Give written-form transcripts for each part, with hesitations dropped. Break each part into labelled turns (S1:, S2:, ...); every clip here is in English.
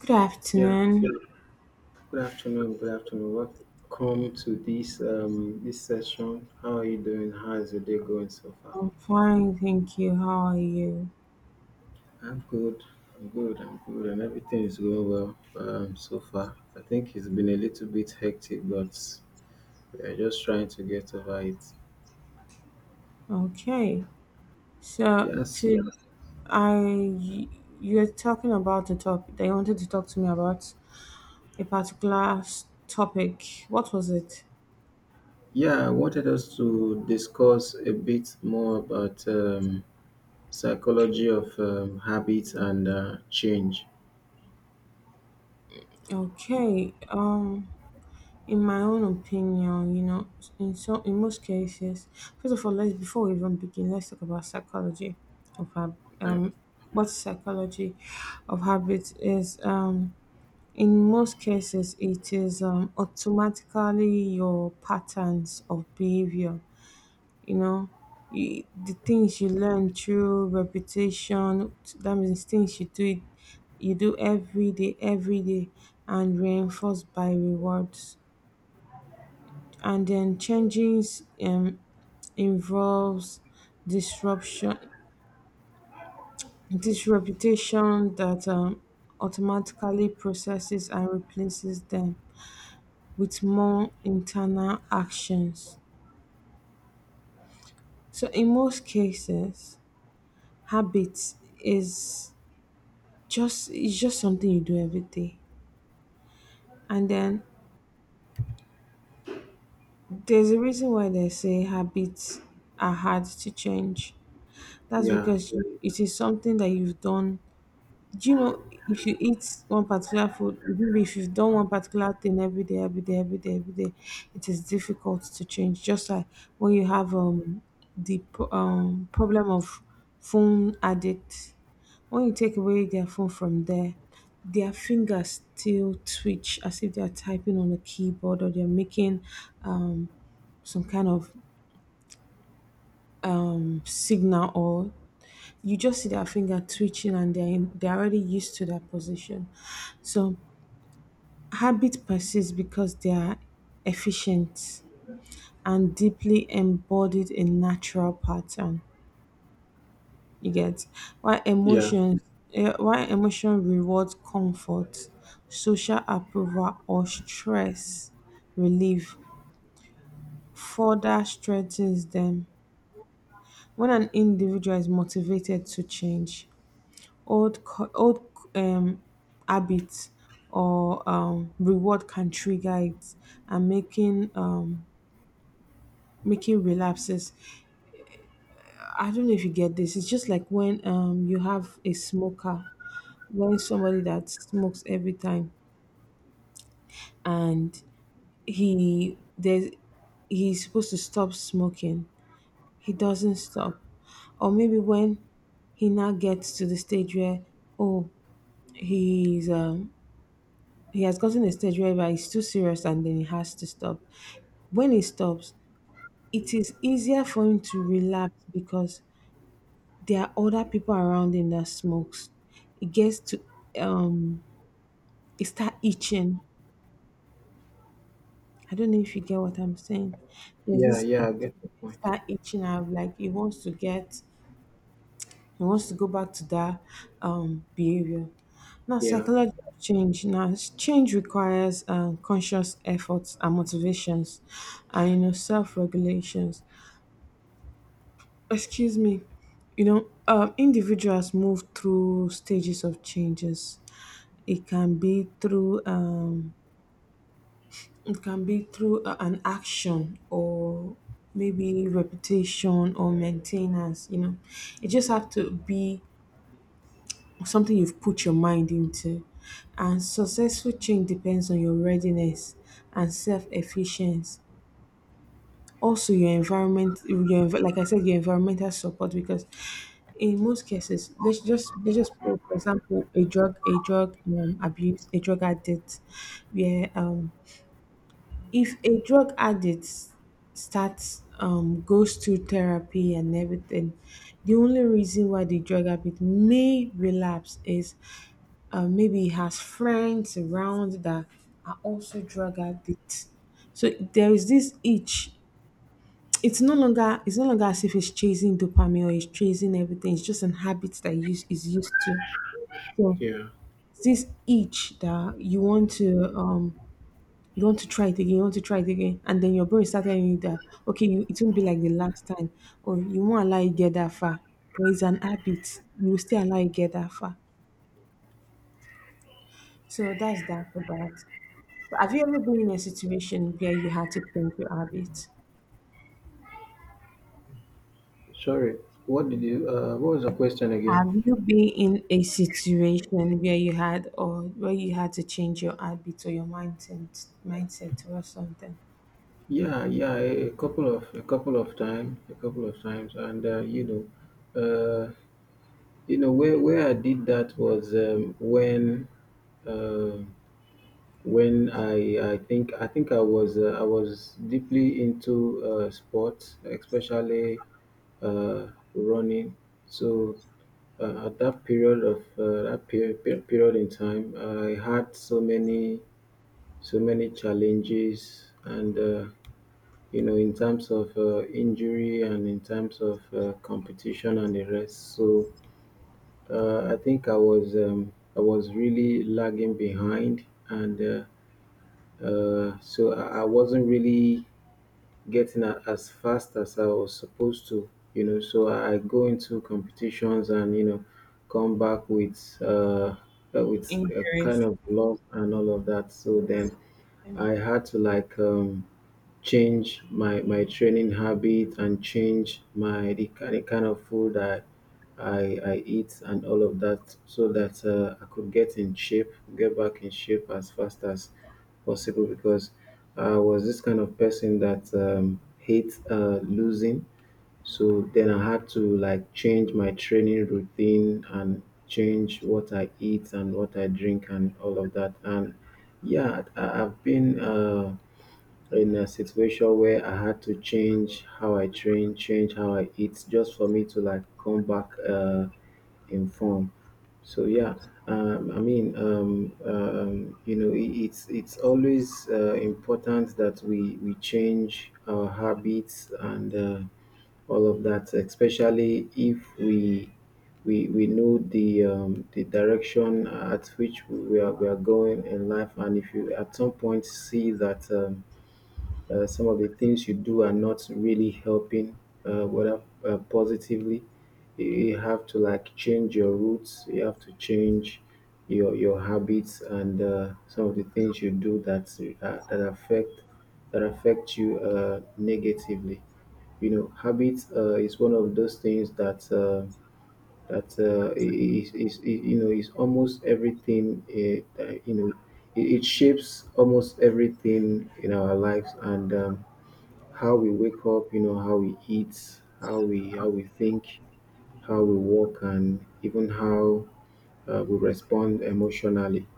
S1: Good
S2: Yeah,
S1: afternoon.
S2: good afternoon. Good afternoon. Welcome to this this session. How are you doing? How is your day going so far?
S1: I'm fine, thank you. How are you?
S2: I'm good. I'm good. I'm good, and everything is going well so far. I think it's been a little bit hectic, but we are just trying to get over it.
S1: Okay. So
S2: Yes.
S1: to I you're talking about the topic that you wanted to talk to me about a particular topic. What was it?
S2: Yeah, I wanted us to discuss a bit more about psychology of habits and change.
S1: Okay. In my own opinion, you know, in most cases, first of all, let's before we even begin, let's talk about psychology of
S2: Uh,
S1: what psychology of habits is. In most cases it is automatically your patterns of behavior, you know, the things you learn through repetition, that means things you do every day, and reinforced by rewards. And then changes involves disruption, disreputation that automatically processes and replaces them with more internal actions. So in most cases, habits is just it's just something you do every day. And then there's a reason why they say habits are hard to change. That's
S2: yeah,
S1: because it is something that you've done. Do you know, if you eat one particular food, even if you've done one particular thing every day, it is difficult to change. Just like when you have the problem of phone addict, when you take away their phone from there, their fingers still twitch as if they are typing on a keyboard, or they're making um some kind of signal, or you just see their finger twitching and they're already used to that position. So habits persist because they are efficient and deeply embodied in natural pattern. You get why
S2: yeah,
S1: why emotion rewards comfort, social approval or stress relief further strengthens them. When an individual is motivated to change, old um, habits or reward can trigger it, and making making relapses. I don't know if you get this. It's just like when you have a smoker, when somebody that smokes every time and he there's he's supposed to stop smoking. He doesn't stop. Or maybe when he now gets to the stage where oh he's he has gotten a stage where it's too serious and then he has to stop. When he stops, it is easier for him to relapse because there are other people around him that smokes. It gets to um it start itching. I don't know if you get what I'm saying. There's
S2: yeah,
S1: this
S2: yeah. I get the
S1: itching, it
S2: point.
S1: start itching out like he wants to get he wants to go back to that behavior. Now,
S2: Yeah.
S1: psychology of change. Now change requires conscious efforts and motivations and, you know, self-regulations. Excuse me. You know, individuals move through stages of changes. It can be through it can be through an action, or maybe reputation or maintenance. You know, it just have to be something you've put your mind into, and successful change depends on your readiness and self-efficiency. Also your environment, your like I said, your environmental support. Because in most cases, let's just put, for example, a drug abuse, a drug addict, where if a drug addict starts goes to therapy and everything, the only reason why the drug addict may relapse is maybe he has friends around that are also drug addicts. So there is this itch. It's no longer as if it's chasing dopamine or it's chasing everything. It's just an habit that use is used to. So
S2: Yeah.
S1: it's this itch that you want to try it again, you want to try it again, and then your brain is telling you that okay, it won't be like the last time, or you won't allow you get that far. But it's an habit. You will still allow you get that far. So that's that for that. But have you ever been in a situation where you had to change your habit?
S2: Sorry. What did you? What was the question again?
S1: Have you been in a situation where you had or where you had to change your habit or your mindset or something?
S2: Yeah, yeah. A couple of times. A couple of times, and know, uh, you know where I did that was um when I think I was deeply into sports, especially uh, running. So at that period of period in time, I had so many challenges and you know in terms of injury and in terms of competition and the rest. So I think I was really lagging behind and so I wasn't really getting as fast as I was supposed to, you know. So I go into competitions and you know come back with a
S1: Injuries.
S2: kind of loss and all of that. So then I had to like change my training habit and change the kind of food I eat and all of that so that I could get in shape, get back in shape as fast as possible, because I was this kind of person that hate losing. So then I had to like change my training routine and change what I eat and what I drink and all of that. And yeah, I've been in a situation where I had to change how I train, change how I eat, just for me to like come back in form. So yeah, I mean, you know, it's always important that we change our habits and all of that, especially if we know the direction at which we are going in life, and if you at some point see that. Some of the things you do are not really helping whether positively. You have to like change your roots, you have to change your habits and some of the things you do that uh, that affect that affect you negatively. You know, habits is one of those things that is, you know, is almost everything that, you know, it shapes almost everything in our lives, and how we wake up, you know, how we eat, how we think, how we walk, and even how we respond emotionally.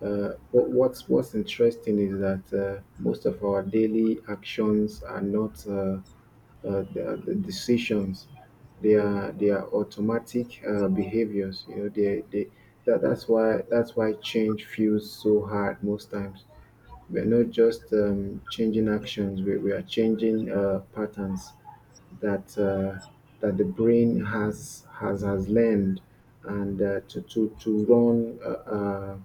S2: What's interesting is that most of our daily actions are not the decisions; they are automatic behaviors. You know, that's why change feels so hard most times. We're not just changing actions, we are changing patterns that that the brain has learned and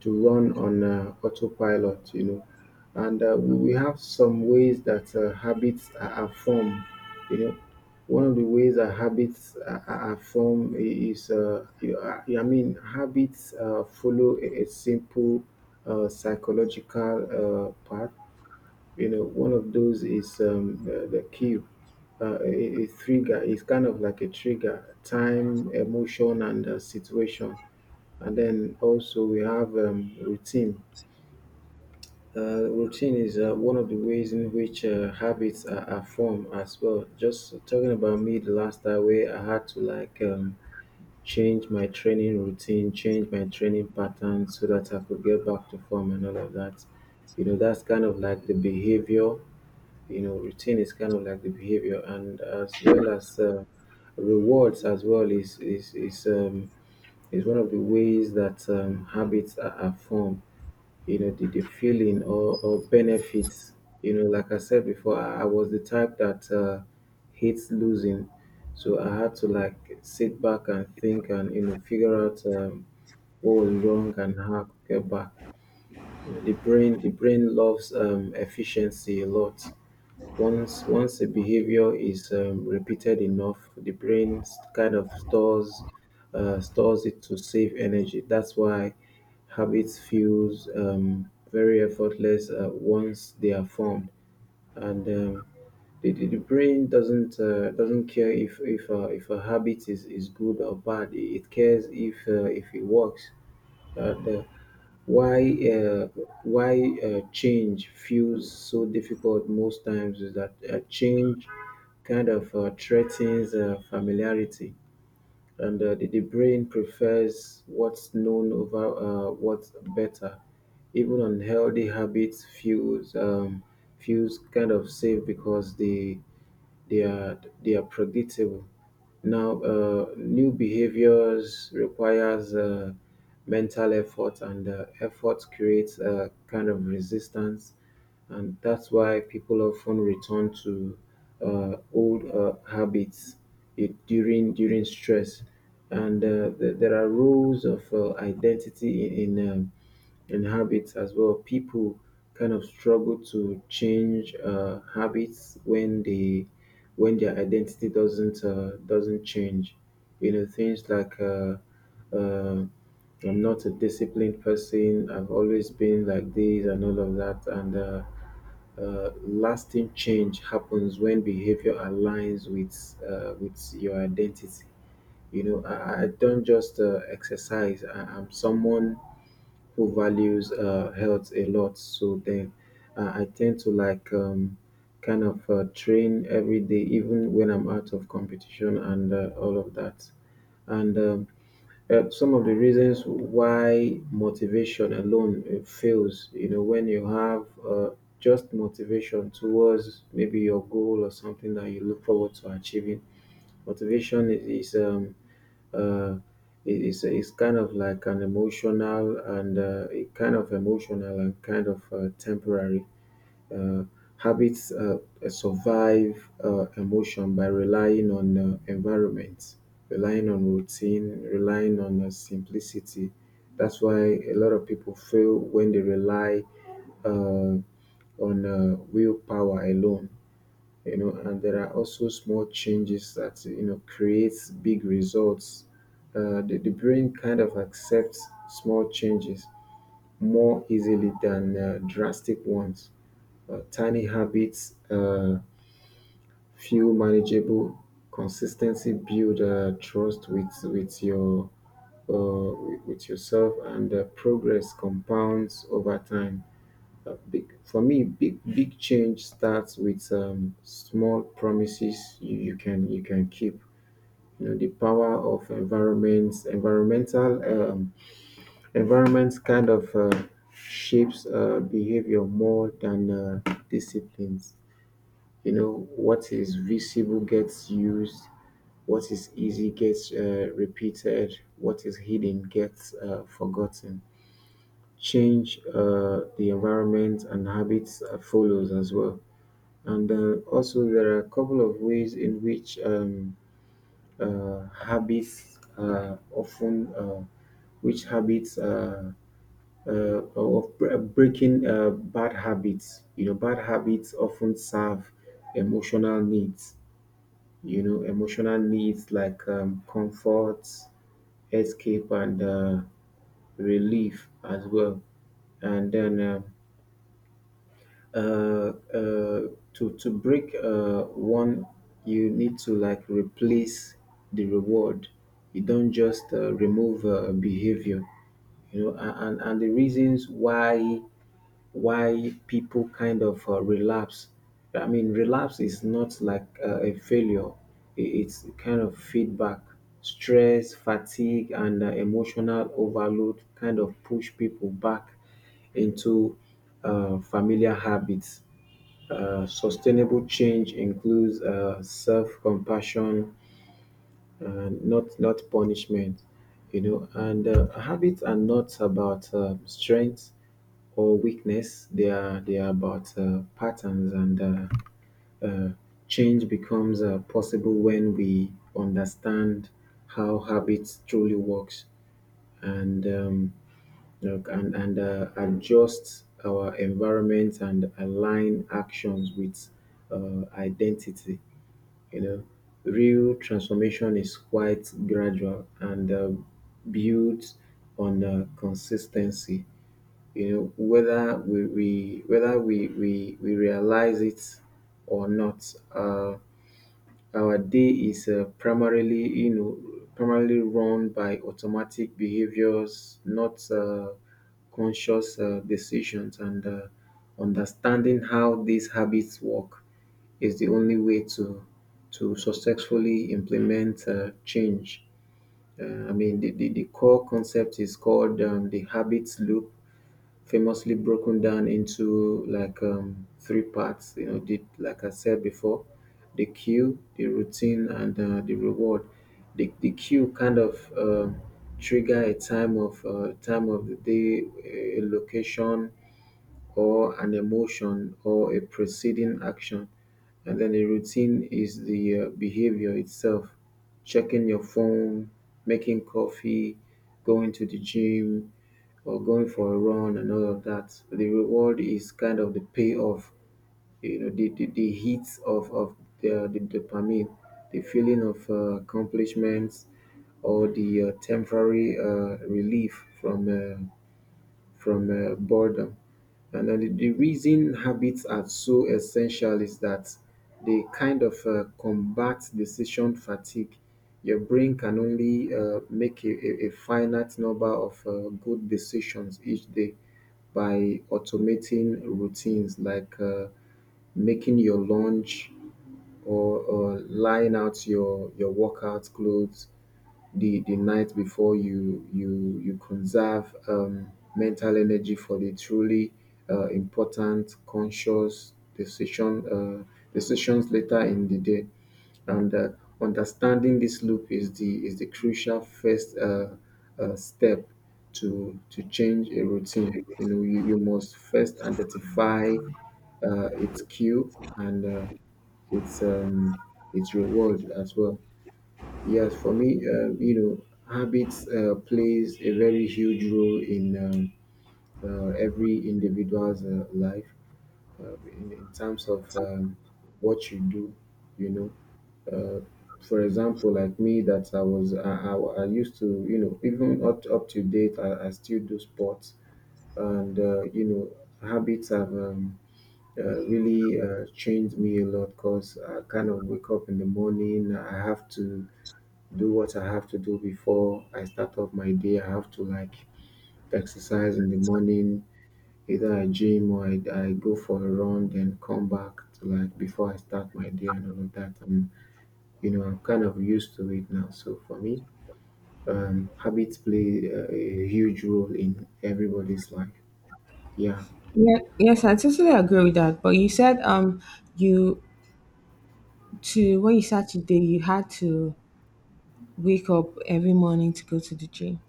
S2: to run on autopilot, you know. And we have some ways that habits are formed, you know. One of the ways that habits are formed is, I mean, habits follow a simple psychological path. You know, one of those is the cue, a trigger. It's kind of like a trigger, time, emotion, and situation. And then also we have routine. Routine is one of the ways in which habits are formed as well. Just talking about me the last time where I had to like change my training routine, change my training pattern so that I could get back to form and all of that. You know, that's kind of like the behavior. You know, routine is kind of like the behavior, and as well as rewards as well is one of the ways that habits are formed. You know, the feeling or benefits. You know, like I said before, I was the type that hates losing, so I had to like sit back and think and you know figure out what was wrong and how to get back. You know, the brain loves efficiency a lot. Once a behavior is repeated enough, the brain kind of stores it to save energy. That's why habits feels very effortless once they are formed, and the brain doesn't care if a habit is good or bad. It cares if it works. The, why uh, why Change feels so difficult most times. Is that change kind of threatens familiarity, and the brain prefers what's known over what's better. Even unhealthy habits feels feels kind of safe because they are predictable. Now, new behaviors requires mental effort, and effort creates a kind of resistance, and that's why people often return to old habits it, during during stress. And there are rules of identity in and habits as well. People kind of struggle to change habits when they when their identity doesn't change. You know, things like uh, I'm not a disciplined person. I've always been like this and all of that. And lasting change happens when behavior aligns with your identity. You know, I don't just exercise. I'm someone who values health a lot. So then I tend to like kind of train every day, even when I'm out of competition and all of that. And some of the reasons why motivation alone fails, you know, when you have just motivation towards maybe your goal or something that you look forward to achieving. Motivation is uh is kind of like an emotional, and it kind of emotional and kind of temporary. Uh, Habits survive emotion by relying on environment, relying on routine, relying on simplicity. That's why a lot of people fail when they rely uh, on willpower alone. You know, and there are also small changes that you know creates big results. The brain kind of accepts small changes more easily than drastic ones. Tiny habits feel manageable. Consistency build trust with your uh, with yourself, and progress compounds over time. Big for me, big Big change starts with small promises you can keep. You know, the power of environments, environmental environments kind of shapes behavior more than disciplines. You know, what is visible gets used, what is easy gets repeated, what is hidden gets forgotten. Change the environment and habits follows as well. And also, there are a couple of ways in which uh, habits uh, often, uh, habits uh, breaking bad habits. You know, bad habits often serve emotional needs. You know, emotional needs like comfort, escape, and relief as well. And then uh, uh, to break one, you need to like replace the reward. You don't just remove behavior, you know. And the reasons why people kind of relapse. I mean, relapse is not like a failure, it's kind of feedback. Stress, fatigue, and emotional overload kind of push people back into familiar habits. Sustainable change includes self-compassion, not punishment, you know. And habits are not about strength or weakness. They are about patterns, and uh, change becomes possible when we understand how habits truly works, and look, and adjust our environment and align actions with identity. You know, real transformation is quite gradual and built on consistency, you know, whether we realize it or not. Our day is primarily, you know, primarily run by automatic behaviors, not conscious decisions. And understanding how these habits work is the only way to successfully implement change. I mean, the core concept is called the habits loop, famously broken down into like three parts. You know, did like I said before, the cue, the routine, and the reward. The cue kind of trigger a time of the day, a location, or an emotion or a preceding action. And then the routine is the behavior itself, checking your phone, making coffee, going to the gym, or going for a run, and all of that. The reward is kind of the payoff, the hit of the dopamine, the feeling of accomplishments, or the temporary relief from boredom. And then the reason habits are so essential is that they kind of combat decision fatigue. Your brain can only make a finite number of good decisions each day by automating routines like making your lunch, or lying out your workout clothes the night before you conserve mental energy for the truly important conscious decisions later in the day, and understanding this loop is the crucial first step to change a routine. You must first identify its cue and its um, its reward as well. Yes, for me, habits plays a very huge role in every individual's life, in terms of what you do, you know. Uh, for example, like me, that I was, I used to even up to date, I still do sports, and habits have really changed me a lot, because I kind of wake up in the morning, I have to do what I have to do before I start off my day. I have to like exercise in the morning, either I gym or I go for a run, then come back to, like, before I start my day and all of that. And you know, I'm kind of used to it now. So for me, habits play a huge role in everybody's life. Yeah,
S1: Yeah, yes, I totally agree with that. But you said you to when you started the day you had to wake up every morning to go to the gym.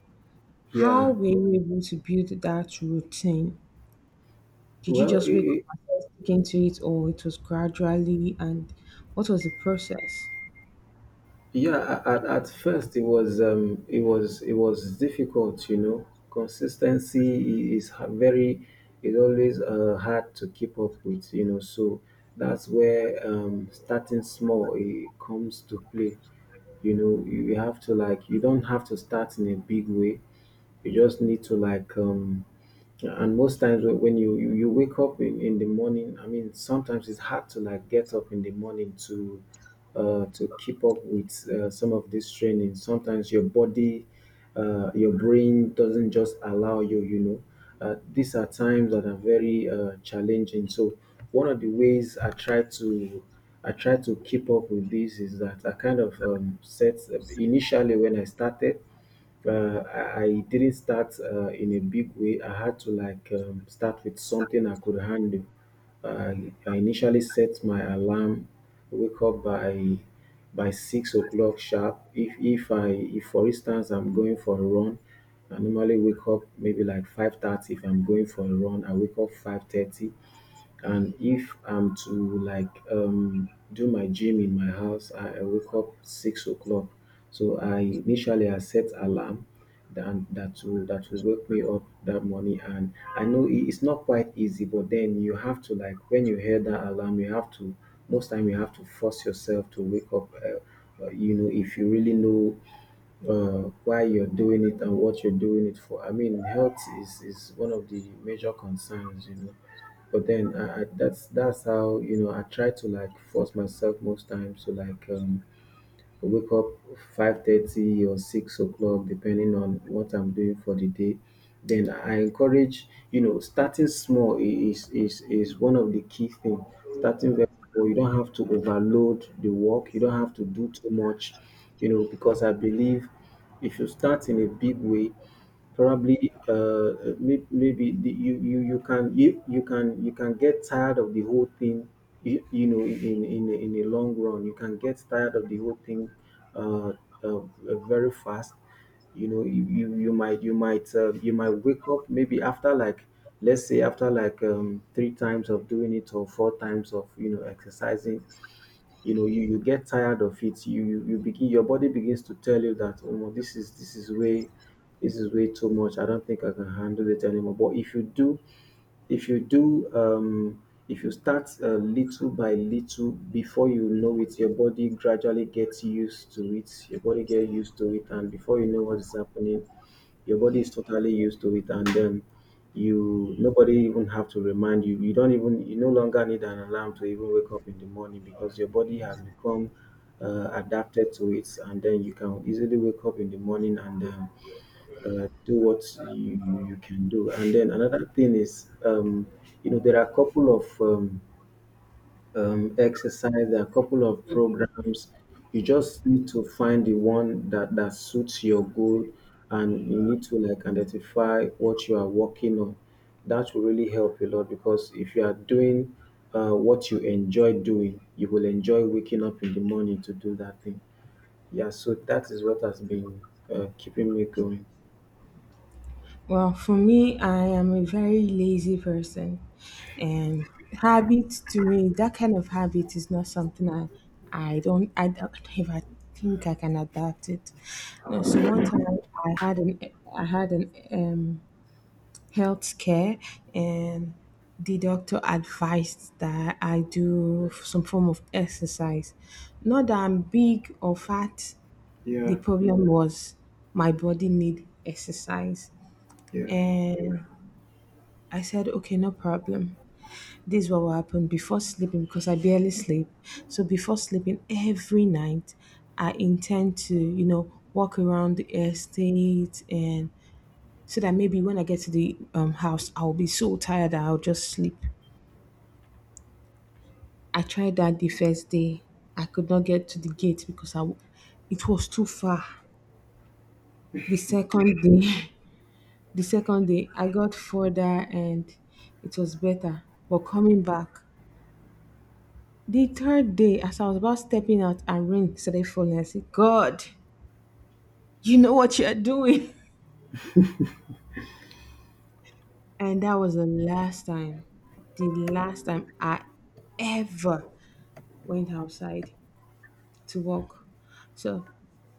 S1: How
S2: yeah.
S1: were you able to build that routine? Did you
S2: Well,
S1: just wake up
S2: it,
S1: and start sticking to it, or it was gradually, and what was the process?
S2: Yeah, at first it was it was difficult, you know. Consistency I- is ha- very is always hard to keep up with. So that's where starting small it comes to play. You have to, like, you don't have to start in a big way, you just need to like, and most times when you wake up in the morning, I mean, sometimes it's hard to like get up in the morning to keep up with some of this training. Sometimes your brain doesn't just allow you you know These are times that are very challenging, so one of the ways I try to keep up with this is that I kind of set, initially when I started, I didn't start in a big way. I had to, like, start with something I could handle. I initially set my alarm, wake up by 6 o'clock sharp. If for instance I'm going for a run, I normally wake up maybe like 5:30. If I'm going for a run, I wake up 5:30, and if I'm to, like, do my gym in my house, I wake up 6 o'clock. So I initially I set alarm that will wake me up that morning. And I know it's not quite easy, but then you have to, like, when you hear that alarm, you have to most time you have to force yourself to wake up. You know, if you really know why you're doing it and what you're doing it for. I mean, health is one of the major concerns. But then, I, that's how I try to, like, force myself most times to, like, wake up 5:30 or 6 o'clock depending on what I'm doing for the day. Then I encourage starting small. Is one of the key thing. Starting very small, you don't have to overload the work. You don't have to do too much, because I believe. If you start in a big way, probably maybe the, you can you, you can get tired of the whole thing. In in the long run, you can get tired of the whole thing uh, very fast. You might wake up maybe after like let's say after like three times of doing it, or four times of you know exercising you know you you get tired of it, your body begins to tell you that, oh no, this is way too much, I don't think I can handle it anymore. But if you do if you do if you start little by little, before you know it, your body gradually gets used to it, and before you know what is happening, your body is totally used to it, and you nobody even have to remind you. You don't even you no longer need an alarm to even wake up in the morning, because your body has become adapted to it, and then you can easily wake up in the morning and do what you can do. And then another thing is, there are a couple of programs. You just need to find the one that suits your goal, and you need to, like, identify what you are working on. That will really help a lot, because if you are doing what you enjoy doing, you will enjoy waking up in the morning to do that thing. Yeah, so that is what has been keeping me going.
S1: Well, for me, I am a very lazy person, and habit to me, that kind of habit is not something I don't ever think I can adapt it. No, so one time I had an, I had an health care, and the doctor advised that I do some form of exercise. Not that I'm big or fat.
S2: Yeah,
S1: The problem was my body need exercise,
S2: yeah.
S1: and I said, okay, no problem. This is what will happen before sleeping, because I barely sleep. So before sleeping every night, I intend to, you know, walk around the estate, and so that maybe when I get to the house, I'll be so tired that I'll just sleep. I tried that the first day. I could not get to the gate because it was too far. The second day, the second day, I got further and it was better. But coming back, the third day, as I was about stepping out and rain started falling, I said, God, you know what you're doing. And that was the last time I ever went outside to walk. So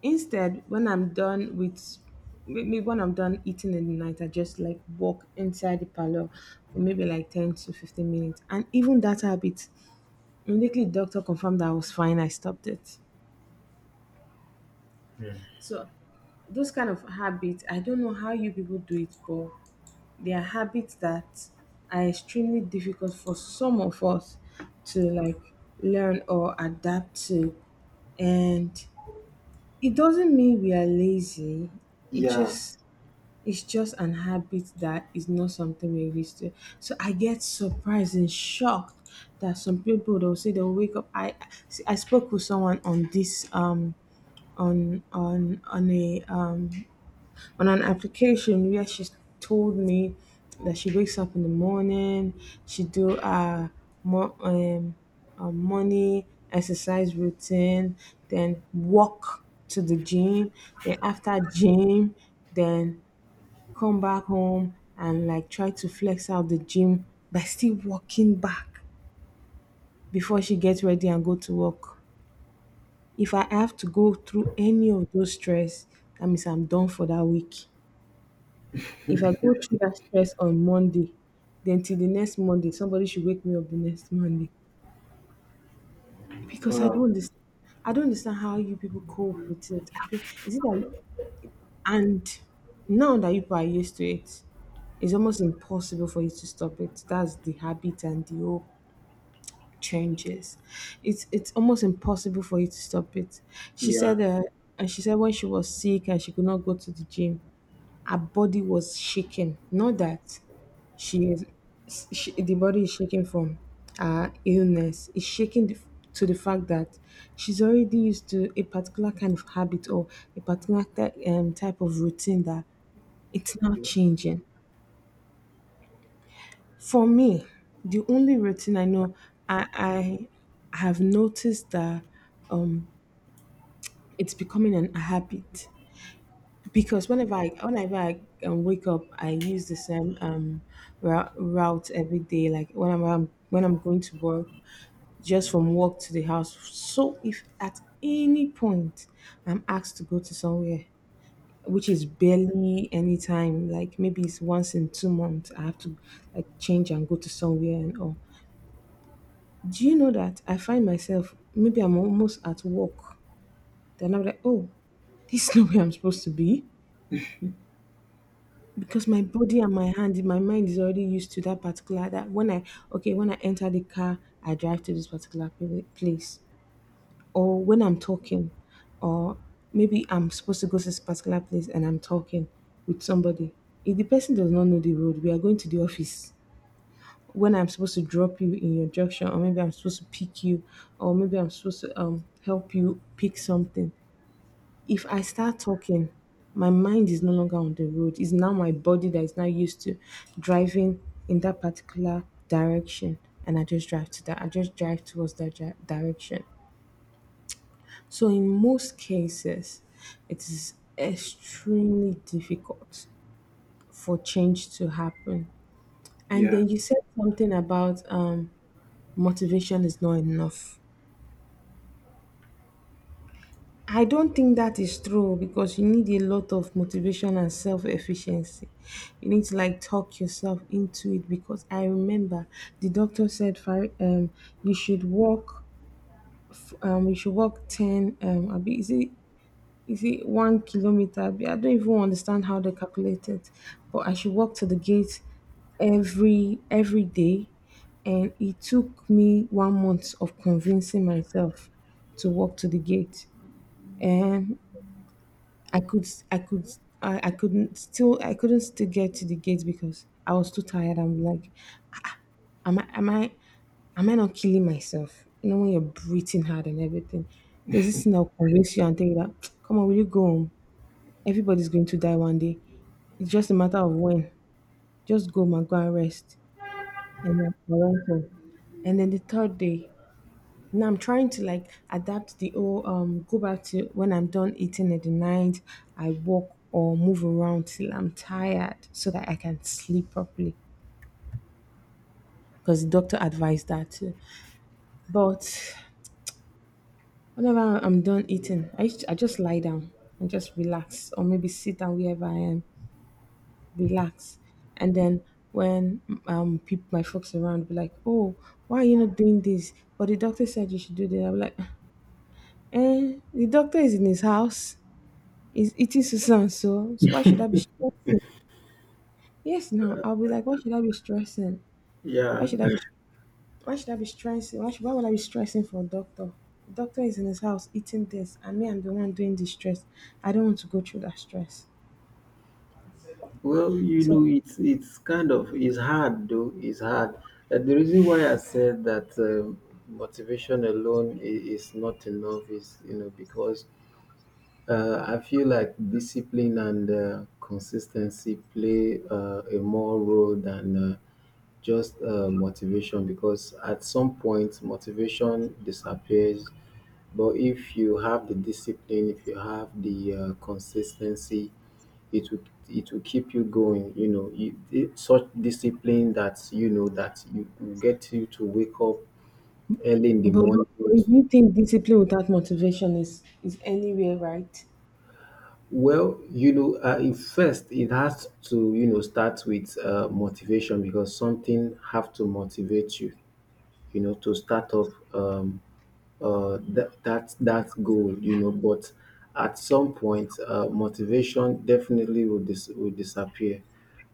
S1: instead, when I'm done with, maybe when I'm done eating in the night, I just like walk inside the parlor for maybe like 10 to 15 minutes. And even that habit, immediately doctor confirmed that I was fine, I stopped it. So those kind of habits, I don't know how you people do it, but they are habits that are extremely difficult for some of us to like learn or adapt to. And it doesn't mean we are lazy. It
S2: Yeah.
S1: just it's just an habit that is not something we're used to. So I get surprised and shocked that some people they'll say they'll wake up. I spoke with someone on this on a on an application where she told me that she wakes up in the morning, she do a mo- um, a morning exercise routine, then walk to the gym, then after gym, then come back home and like try to flex out the gym by still walking back before she gets ready and go to work. If I have to go through any of those stress, that means I'm done for that week. If I go through that stress on Monday, then till the next Monday, somebody should wake me up the next Monday. Because I
S2: Wow.
S1: don't understand. I don't understand how you people cope with it. I don't, is it that you, and now that you people are used to it, it's almost impossible for you to stop it. That's the habit and the whole changes. It's almost impossible for you to stop it. She
S2: Yeah.
S1: said and she said when she was sick and she could not go to the gym, her body was shaking. Not that she is, she, the body is shaking from her illness. It's shaking, to the fact that she's already used to a particular kind of habit or a particular type of routine that it's not changing. For me, the only routine I know, I, I have noticed that um, it's becoming an habit because whenever I wake up, I use the same route every day. Like when I'm when I'm going to work, just from work to the house. So if at any point I'm asked to go to somewhere, which is barely any time, like maybe it's once in 2 months, I have to like change and go to somewhere and all. Do you know that I find myself maybe I'm almost at work, then I'm like, oh, this is not where I'm supposed to be because my body and my mind is already used to that particular, that when I, okay, when I enter the car I drive to this particular place. Or when I'm talking, or maybe I'm supposed to go to this particular place and I'm talking with somebody, if the person does not know the road we are going to the office, when I'm supposed to drop you in your junction, or maybe I'm supposed to pick you, or maybe I'm supposed to help you pick something, if I start talking, my mind is no longer on the road. It's now my body that is now used to driving in that particular direction. And I just drive to that. I just drive towards that direction. So in most cases, it is extremely difficult for change to happen. And
S2: Yeah.
S1: then you said something about motivation is not enough. I don't think that is true because you need a lot of motivation and self efficiency. You need to like talk yourself into it because I remember the doctor said for you should walk you should walk ten abi is it 1 kilometer abi I don't even understand how they calculate it, but I should walk to the gate every day, and it took me 1 month of convincing myself to walk to the gate. And I could I could I couldn't still, I couldn't still get to the gate because I was too tired. I'm like, am I am I am I not killing myself? You know when you're breathing hard and everything. There's this thing that'll convince you and tell you that come on, will you go home? Everybody's going to die one day. It's just a matter of when. Just go, man, go and rest. And then I went home. And then the third day, now I'm trying to like adapt the whole go back to when I'm done eating in the night, I walk or move around till I'm tired so that I can sleep properly. Because the doctor advised that too. But whenever I'm done eating, I just lie down and just relax or maybe sit down wherever I am, relax. And then when people my folks around be like, oh, why are you not doing this? But the doctor said you should do this. I'm like, eh, the doctor is in his house, is eating Susan. So, so why should I be stressing? Yes, now I'll be like, why should I be stressing? Why
S2: Yeah.
S1: should I be? Why should I be stressing? Why should? Why would I be stressing for a doctor? The doctor is in his house eating this, and me, I'm the one doing the stress. I don't want to go through that stress.
S2: Well, you
S1: So,
S2: know, it's kind of, it's hard, though. It's hard. And the reason why I said that motivation alone is not enough is, you know because I feel like discipline and consistency play a more role than just motivation, because at some point motivation disappears. But if you have the discipline, if you have the consistency, it will it will keep you going. Such discipline that you will get you to wake up early in the morning.
S1: but if you think discipline without motivation is anywhere right?
S2: Well, it has to start with motivation, because something have to motivate you, to start up that goal. But at some point, motivation definitely will disappear.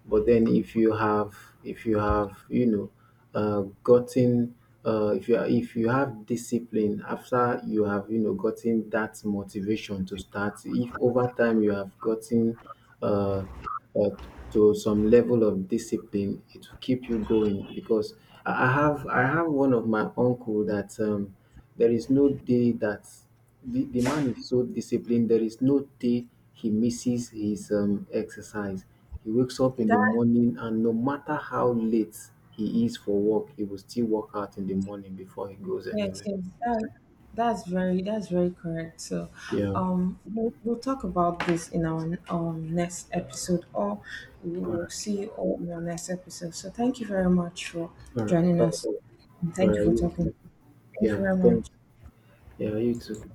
S2: But then, if you have you know gotten if you are, if you have discipline after you have gotten that motivation to start. If over time you have gotten uh, uh, to some level of discipline, it will keep you going, because I have one of my uncle that there is no day that the man is so disciplined, there is no day he misses his exercise. He wakes up in the
S1: That
S2: morning, and no matter how late he is for work, he will still work out in the morning before he goes
S1: Yes,
S2: anywhere.
S1: yes, that's very correct. So,
S2: Yeah.
S1: we'll talk about this in our next episode, or we
S2: All
S1: will
S2: right,
S1: see you all in our next episode. So, thank you very much for
S2: all right,
S1: joining
S2: all
S1: us.
S2: right, all
S1: Thank you
S2: right.
S1: for
S2: You
S1: talking.
S2: too.
S1: Thank you
S2: Yeah,
S1: very much.
S2: thanks. Yeah, you too.